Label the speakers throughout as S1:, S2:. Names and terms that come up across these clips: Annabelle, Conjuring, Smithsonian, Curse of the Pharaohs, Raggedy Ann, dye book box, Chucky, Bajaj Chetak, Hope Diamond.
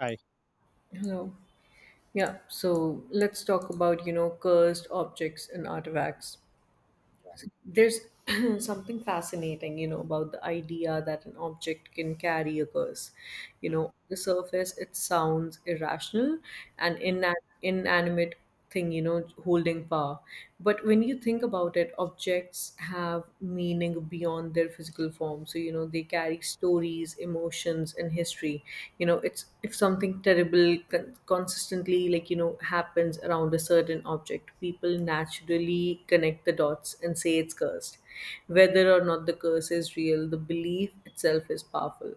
S1: Right.
S2: Hello. Yeah, so let's talk about, cursed objects and artifacts. There's something fascinating, about the idea that an object can carry a curse. You
S1: Mm,
S2: know, on the surface, it sounds irrational and
S1: mm,
S2: inanimate thing, holding power. But when you think about it, objects have meaning beyond their physical form, so they carry stories, emotions, and history. It's, if something terrible consistently, happens around a certain object, people naturally connect the dots and say it's cursed. Whether or not the curse is real, the belief itself is powerful.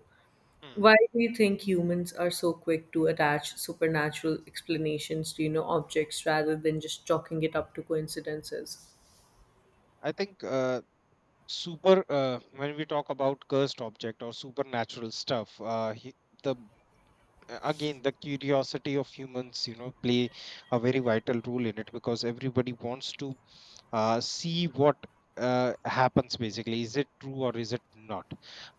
S1: mm.
S2: Why do you think humans are so quick to attach supernatural explanations to, objects rather than just chalking it up to coincidences?
S1: I think super when we talk about cursed object or supernatural stuff, he, the again the curiosity of humans, play a very vital role in it because everybody wants to see what happens. Basically, is it true or is it not?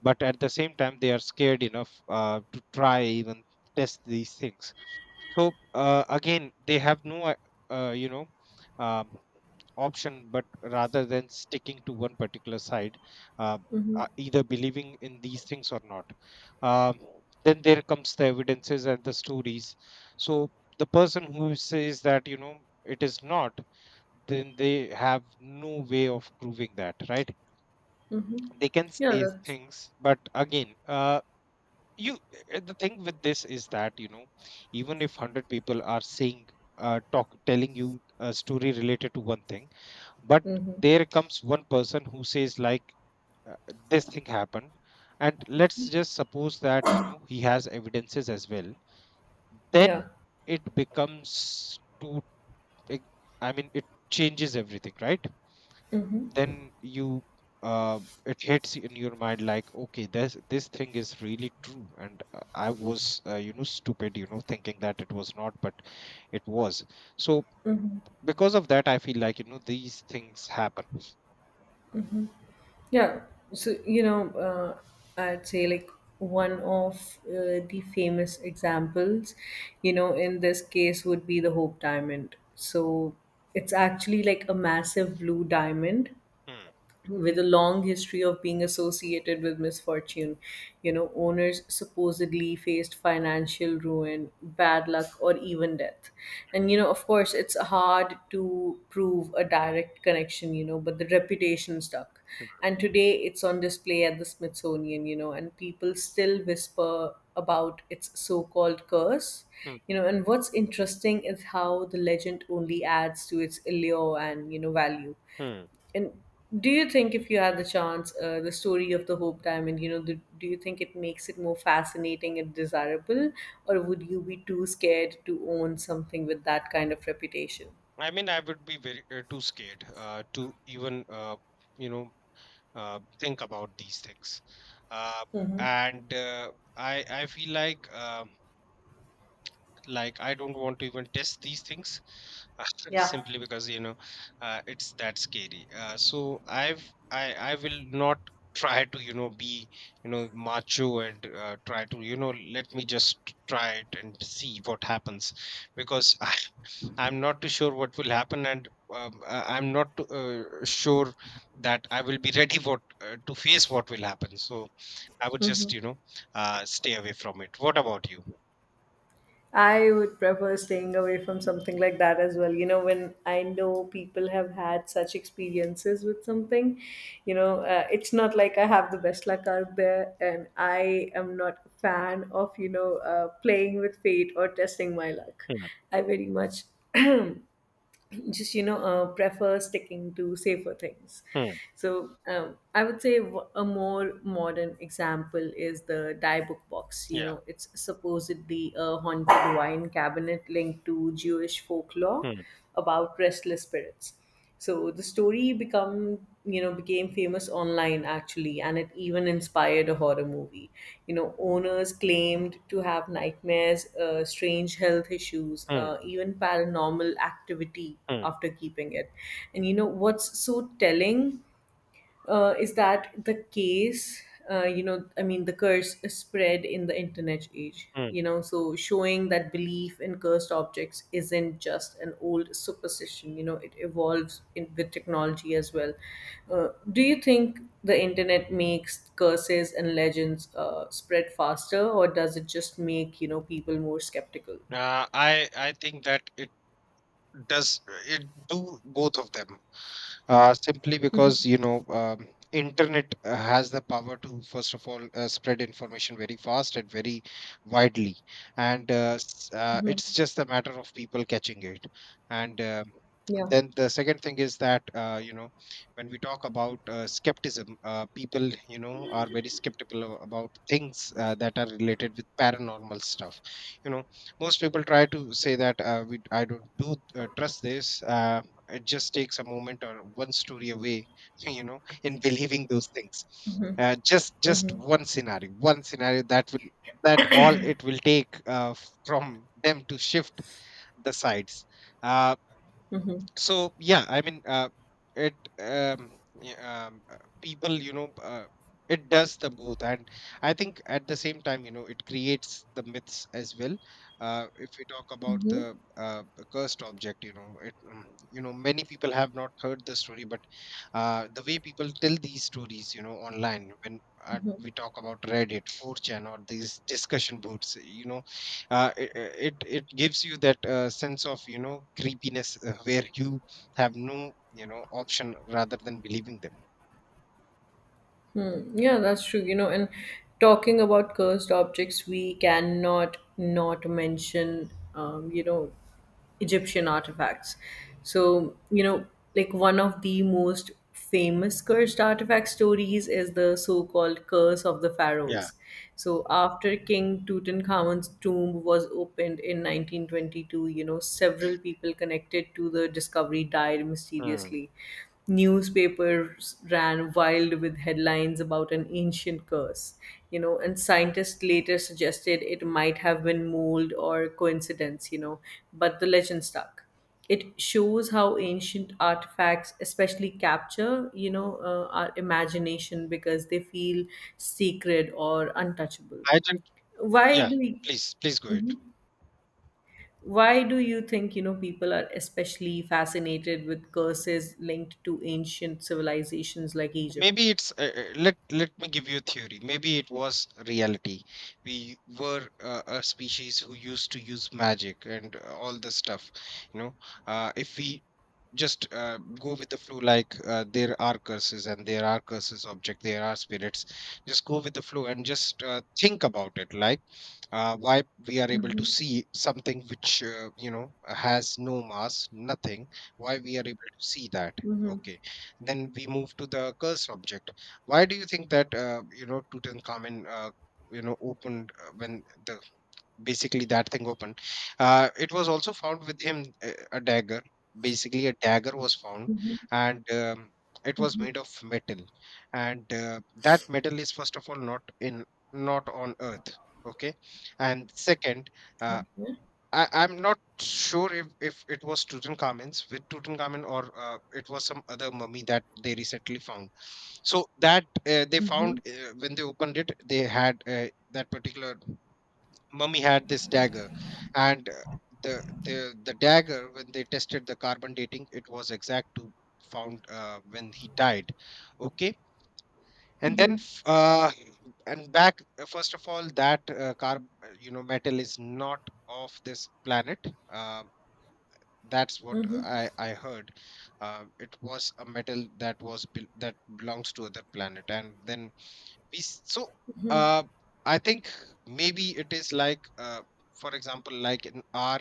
S1: But at the same time, they are scared enough to try even test these things. So again they have no uh, you know um, option, but rather than sticking to one particular side, uh,
S2: Mm-hmm.
S1: either believing in these things or not. um, then there comes the evidences and the stories. So the person who says that, it is not, then they have no way of proving that, right?
S2: Mm-hmm.
S1: They can
S2: Yeah,
S1: say
S2: that's
S1: things, but again, uh, you the thing with this is that, even if 100 people are saying, talk telling you a story related to one thing, but
S2: mm-hmm.
S1: there comes one person who says like, uh, this thing happened. And let's just suppose that, he has evidences as well.
S2: Yeah.
S1: Then it becomes to it- I mean it changes everything, right? Then you uh, it hits in your mind like, okay, this thing is really true, and I was stupid, thinking that it was not, but it was. So because of that I feel like, these things happen.
S2: Yeah, so I'd say, like, one of the famous examples, in this case would be the Hope Diamond. So it's actually like a massive blue diamond
S1: Hmm,
S2: with a long history of being associated with misfortune. Owners supposedly faced financial ruin, bad luck, or even death. And, of course, it's hard to prove a direct connection, but the reputation stuck. And today it's on display at the Smithsonian, and people still whisper about its so called curse.
S1: hmm,
S2: And what's interesting is how the legend only adds to its allure and, value.
S1: hmm.
S2: And do you think, if you had the chance, the story of the Hope Diamond, do, you think it makes it more fascinating and desirable, or would you be too scared to own something with that kind of reputation?
S1: I mean, I would be very too scared to even you know think about these things, uh, and I feel like, like, I don't want to even test these things.
S2: Yeah.
S1: Simply because, it's that scary. So I will not try to, be, macho, and try to, let me just try it and see what happens. Because I I'm not too sure what will happen. And I'm not sure that I will be ready what to face what will happen. So I would just, stay away from it. What about you?
S2: I would prefer staying away from something like that as well. You know, when I know people have had such experiences with something, it's not like I have the best luck out there, and I am not a fan of, playing with fate or testing my luck.
S1: Hmm,
S2: I very much just prefer sticking to safer things.
S1: hmm.
S2: So I would say a more modern example is the Dye Book Box.
S1: Yeah.
S2: It's supposedly a haunted wine cabinet linked to Jewish folklore
S1: Hmm.
S2: about restless spirits. So the story become became famous online, actually, and it even inspired a horror movie. You know, owners claimed to have nightmares, strange health issues,
S1: Hmm.
S2: even paranormal activity
S1: Hmm.
S2: after keeping it. And what's so telling, is that the case? I mean, the curse is spread in the internet age,
S1: Mm.
S2: so showing that belief in cursed objects isn't just an old superstition. It evolves, in, with technology as well. Do you think the internet makes curses and legends spread faster, or does it just make, people more skeptical?
S1: I think that it does it do both of them. Simply because, internet has the power to, first of all, spread information very fast and very widely. And
S2: Mm-hmm.
S1: it's just a matter of people catching it. And
S2: Yeah.
S1: then the second thing is that, when we talk about skepticism, people, are very skeptical about things that are related with paranormal stuff. You know, most people try to say that, I don't do trust this. It just takes a moment or one story away, in believing those things. Just
S2: Mm-hmm.
S1: one scenario, that will, that all it will take, from them to shift the sides. Uh,
S2: Mm-hmm.
S1: so yeah, I mean, it yeah, people, it does the both, and I think at the same time, it creates the myths as well. If we talk about the,
S2: Mm-hmm.
S1: the cursed object, you know, many people have not heard the story, but the way people tell these stories, online, when we talk about Reddit, 4chan or these discussion boards, it gives you that sense of, creepiness, where you have no, option rather than believing them.
S2: Hmm. Yeah, that's true. You know, and talking about cursed objects, we cannot not mention, Egyptian artifacts. So, one of the most famous cursed artifact stories is the so called Curse of the
S1: Yeah.
S2: Pharaohs. So, after King Tutankhamun's tomb was opened in 1922, several people connected to the discovery died
S1: Hmm.
S2: mysteriously. Newspapers ran wild with headlines about an ancient curse, and scientists later suggested it might have been mold or coincidence, but the legend stuck. It shows how ancient artifacts especially capture, our imagination, because they feel sacred or untouchable.
S1: I think,
S2: Why
S1: yeah,
S2: do we?
S1: please go ahead.
S2: Mhm. Why do you think, people are especially fascinated with curses linked to ancient civilizations like Egypt?
S1: Maybe it's, let me give you a theory. Maybe it was reality. We were a species who used to use magic and all this stuff, you know if we just go with the flow, like, there are curses and there are curses object, there are spirits. Just go with the flow and just think about it like, why we are able to
S2: Mm-hmm.
S1: see something which, has no mass, nothing. Why we are able to see that,
S2: Mm-hmm.
S1: okay? Then we move to the curse object. Why do you think that, Tutankhamen, opened, when the, basically, that thing open. It was also found with him, a dagger. Basically, a dagger was found,
S2: Mm-hmm.
S1: and, it was
S2: Mm-hmm.
S1: made of metal, and, that metal is, first of all, not on Earth. Okay, and second, uh,
S2: Okay.
S1: I'm not sure if, it was Tutankhamun, or it was some other mummy that they recently found. So that they
S2: Mm-hmm.
S1: found, when they opened it, they had, that particular mummy had this dagger. And the dagger, when they tested the carbon dating, it was exact to found, when he died, okay. And then f- uh, and back, first of all that, carb you know metal is not of this planet. uh, that's what I heard. It was a metal that was bel that belongs to other planet. And then so, uh, I think, maybe it is like, for example, like in our,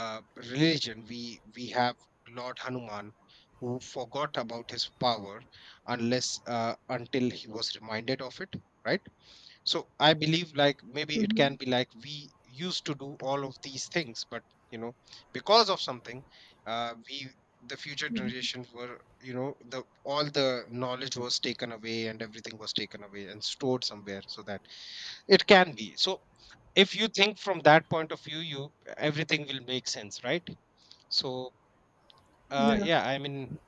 S1: uh, religion, we have Lord Hanuman who forgot about his power, unless until he was reminded of it, right? So I believe like, maybe it can
S2: Mm-hmm.
S1: be like, we used to do all of these things. But, you know because of something, we the future generations were, the all the knowledge was taken away, and everything was taken away and stored somewhere, so that it can be. So if you think from that point of view, you everything will make sense, right? So
S2: Yeah.
S1: yeah, I mean,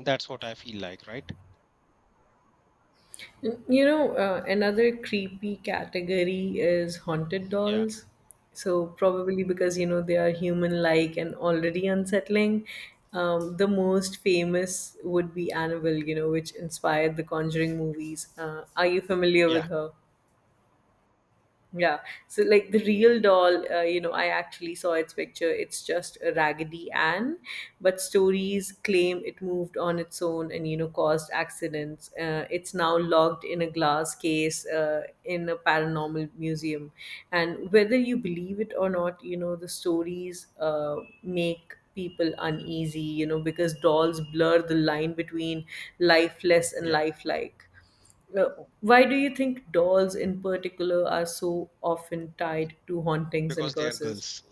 S1: that's what I feel like, right?
S2: You know, another creepy category is haunted
S1: Yeah,
S2: dolls. So, probably because, they are human like and already unsettling. The most famous would be Annabelle, which inspired the Conjuring movies. Are you familiar
S1: yeah,
S2: with her? Yeah. So, like, the real doll, I actually saw its picture. It's just a Raggedy Ann, but stories claim it moved on its own and caused accidents. It's now locked in a glass case in a paranormal museum, and whether you believe it or not, the stories make people uneasy. You know, because dolls blur the line between lifeless and
S1: yeah,
S2: lifelike. Uh, Why do you think dolls in particular are so often tied to hauntings
S1: because
S2: and
S1: they are
S2: curses?
S1: girls.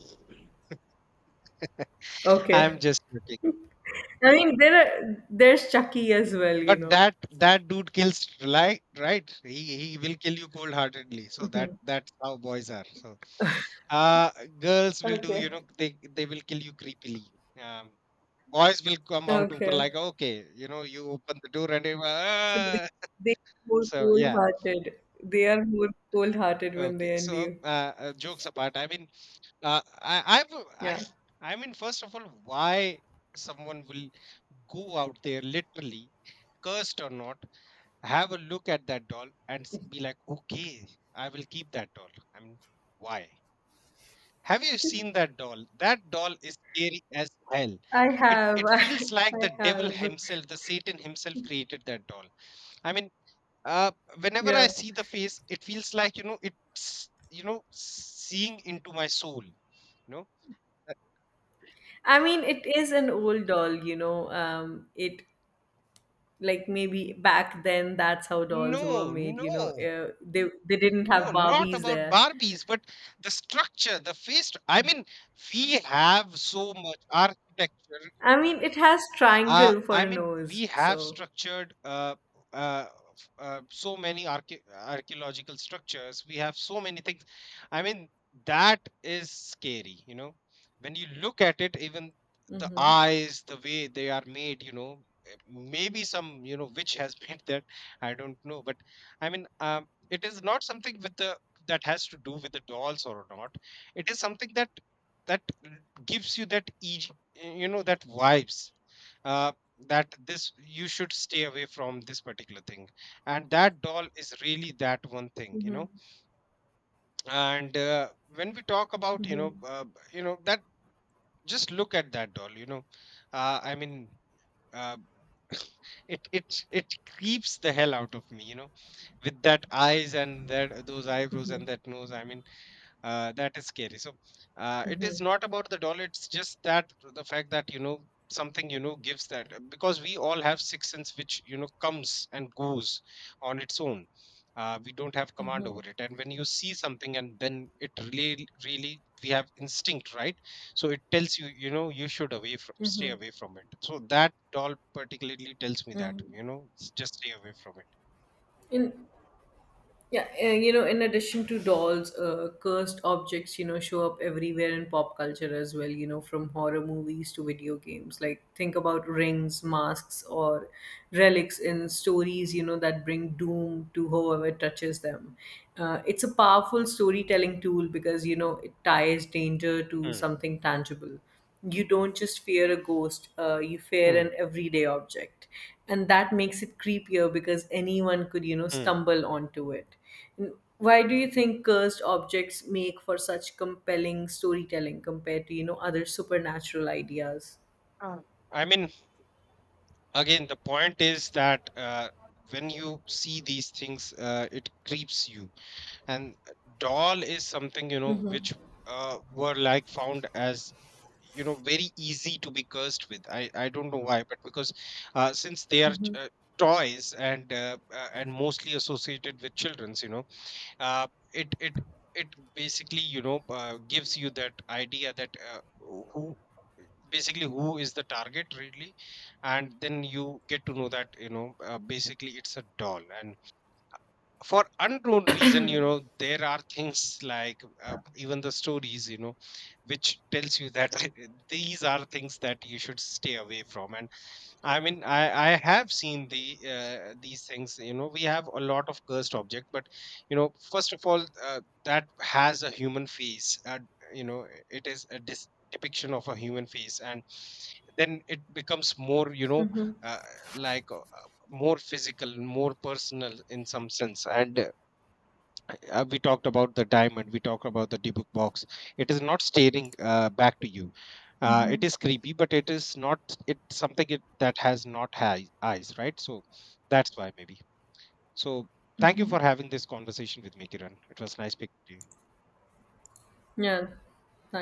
S1: I'm
S2: Okay.
S1: just joking.
S2: I mean, there's Chucky as well, you
S1: But
S2: know.
S1: that dude kills like, right? He will kill you cold heartedly. So that's how boys are. So, uh girls will do, you
S2: Okay.
S1: know, they will kill you creepily. Um Boys will come out open
S2: Okay.
S1: like, okay, you know, you open the door and they were,
S2: So they
S1: ah!
S2: are more
S1: So yeah.
S2: cold-hearted. They are more cold-hearted when they
S1: Okay.
S2: end
S1: So,
S2: you.
S1: jokes apart, I mean, uh I I've I,
S2: Yeah.
S1: first of all, why someone will go out there, literally, cursed or not, have a look at that doll and be like, okay, I will keep that doll. I mean, why? Have you seen that doll? That doll is scary as hell.
S2: I
S1: It
S2: have.
S1: it feels like
S2: I
S1: the devil
S2: have.
S1: himself, the Satan himself, created that doll. I mean, uh, whenever I
S2: Yeah.
S1: see the face, it feels like, it's, seeing into my soul. You know,
S2: I mean, it is an old doll, you know. It, like, maybe back then that's how dolls were
S1: no,
S2: made,
S1: no,
S2: they didn't have
S1: no, not
S2: Barbies
S1: about
S2: there.
S1: Barbies, but the structure, the face. I mean, we have so much architecture.
S2: I mean, it has triangle for
S1: I
S2: a
S1: mean,
S2: nose,
S1: we have
S2: so
S1: structured so many archaeological structures. We have so many things. I mean, that is scary, you know. When you look at it, even the
S2: mm-hmm,
S1: eyes, the way they are made, maybe some, witch has made that. I don't know, but I mean, it is not something with the that has to do with the dolls or not. It is something that gives you that, you know, that vibes, uh, that this you should stay away from this particular thing, and that doll is really that one thing, you
S2: mm-hmm,
S1: know. And when we talk about,
S2: mm-hmm,
S1: that, just look at that doll, I mean, uh, it creeps the hell out of me, you know, with that eyes and that those eyebrows and that nose. I mean, that is scary. So, it
S2: mm-hmm,
S1: is not about the dollar, it's just that the fact that, something, gives that, because we all have sixth sense which, comes and goes on its own. We don't have command
S2: mm-hmm,
S1: over it. And when you see something and then, it really, really, we have instinct, right? So it tells you, you know you should away from stay
S2: mm-hmm.
S1: away from it. So that doll particularly tells me that,
S2: Mm-hmm.
S1: just stay away from it.
S2: In Yeah, in addition to dolls, cursed objects, show up everywhere in pop culture as well, from horror movies to video games. Like, think about rings, masks, or relics in stories, that bring doom to whoever touches them. It's a powerful storytelling tool because, it ties danger to
S1: Hmm,
S2: something tangible. You don't just fear a ghost, you fear
S1: hmm,
S2: an everyday object, and that makes it creepier because anyone could
S1: hmm.
S2: stumble onto it. And why do you think cursed objects make for such compelling storytelling compared to, other supernatural ideas?
S1: Uh, I mean, again the point is that, when you see these things, it creeps you, and doll is something, which were, like, found as, very easy to be cursed with. I don't know why, but because since they are,
S2: Mm-hmm.
S1: toys, and mostly associated with children's, uh, it it it basically, gives you that idea that, who is the target really. And then you get to know that, basically, it's a doll. And for unknown reason, there are things like, even the stories, which tells you that, these are things that you should stay away from. And I mean, I have seen the, these things. You know, we have a lot of cursed object, but you know, first of all, that has a human face, it is a depiction of a human face. And then it becomes more,
S2: Mm-hmm.
S1: uh, like, more physical, more personal, in some sense. And we talked about the diamond, we talked about the debug box. It is not staring back to you. It is creepy but it is not, that has not high eyes, right? So that's why, maybe. So thank you for having this conversation with me, Kiran. It was nice speaking to you.
S2: Yeah,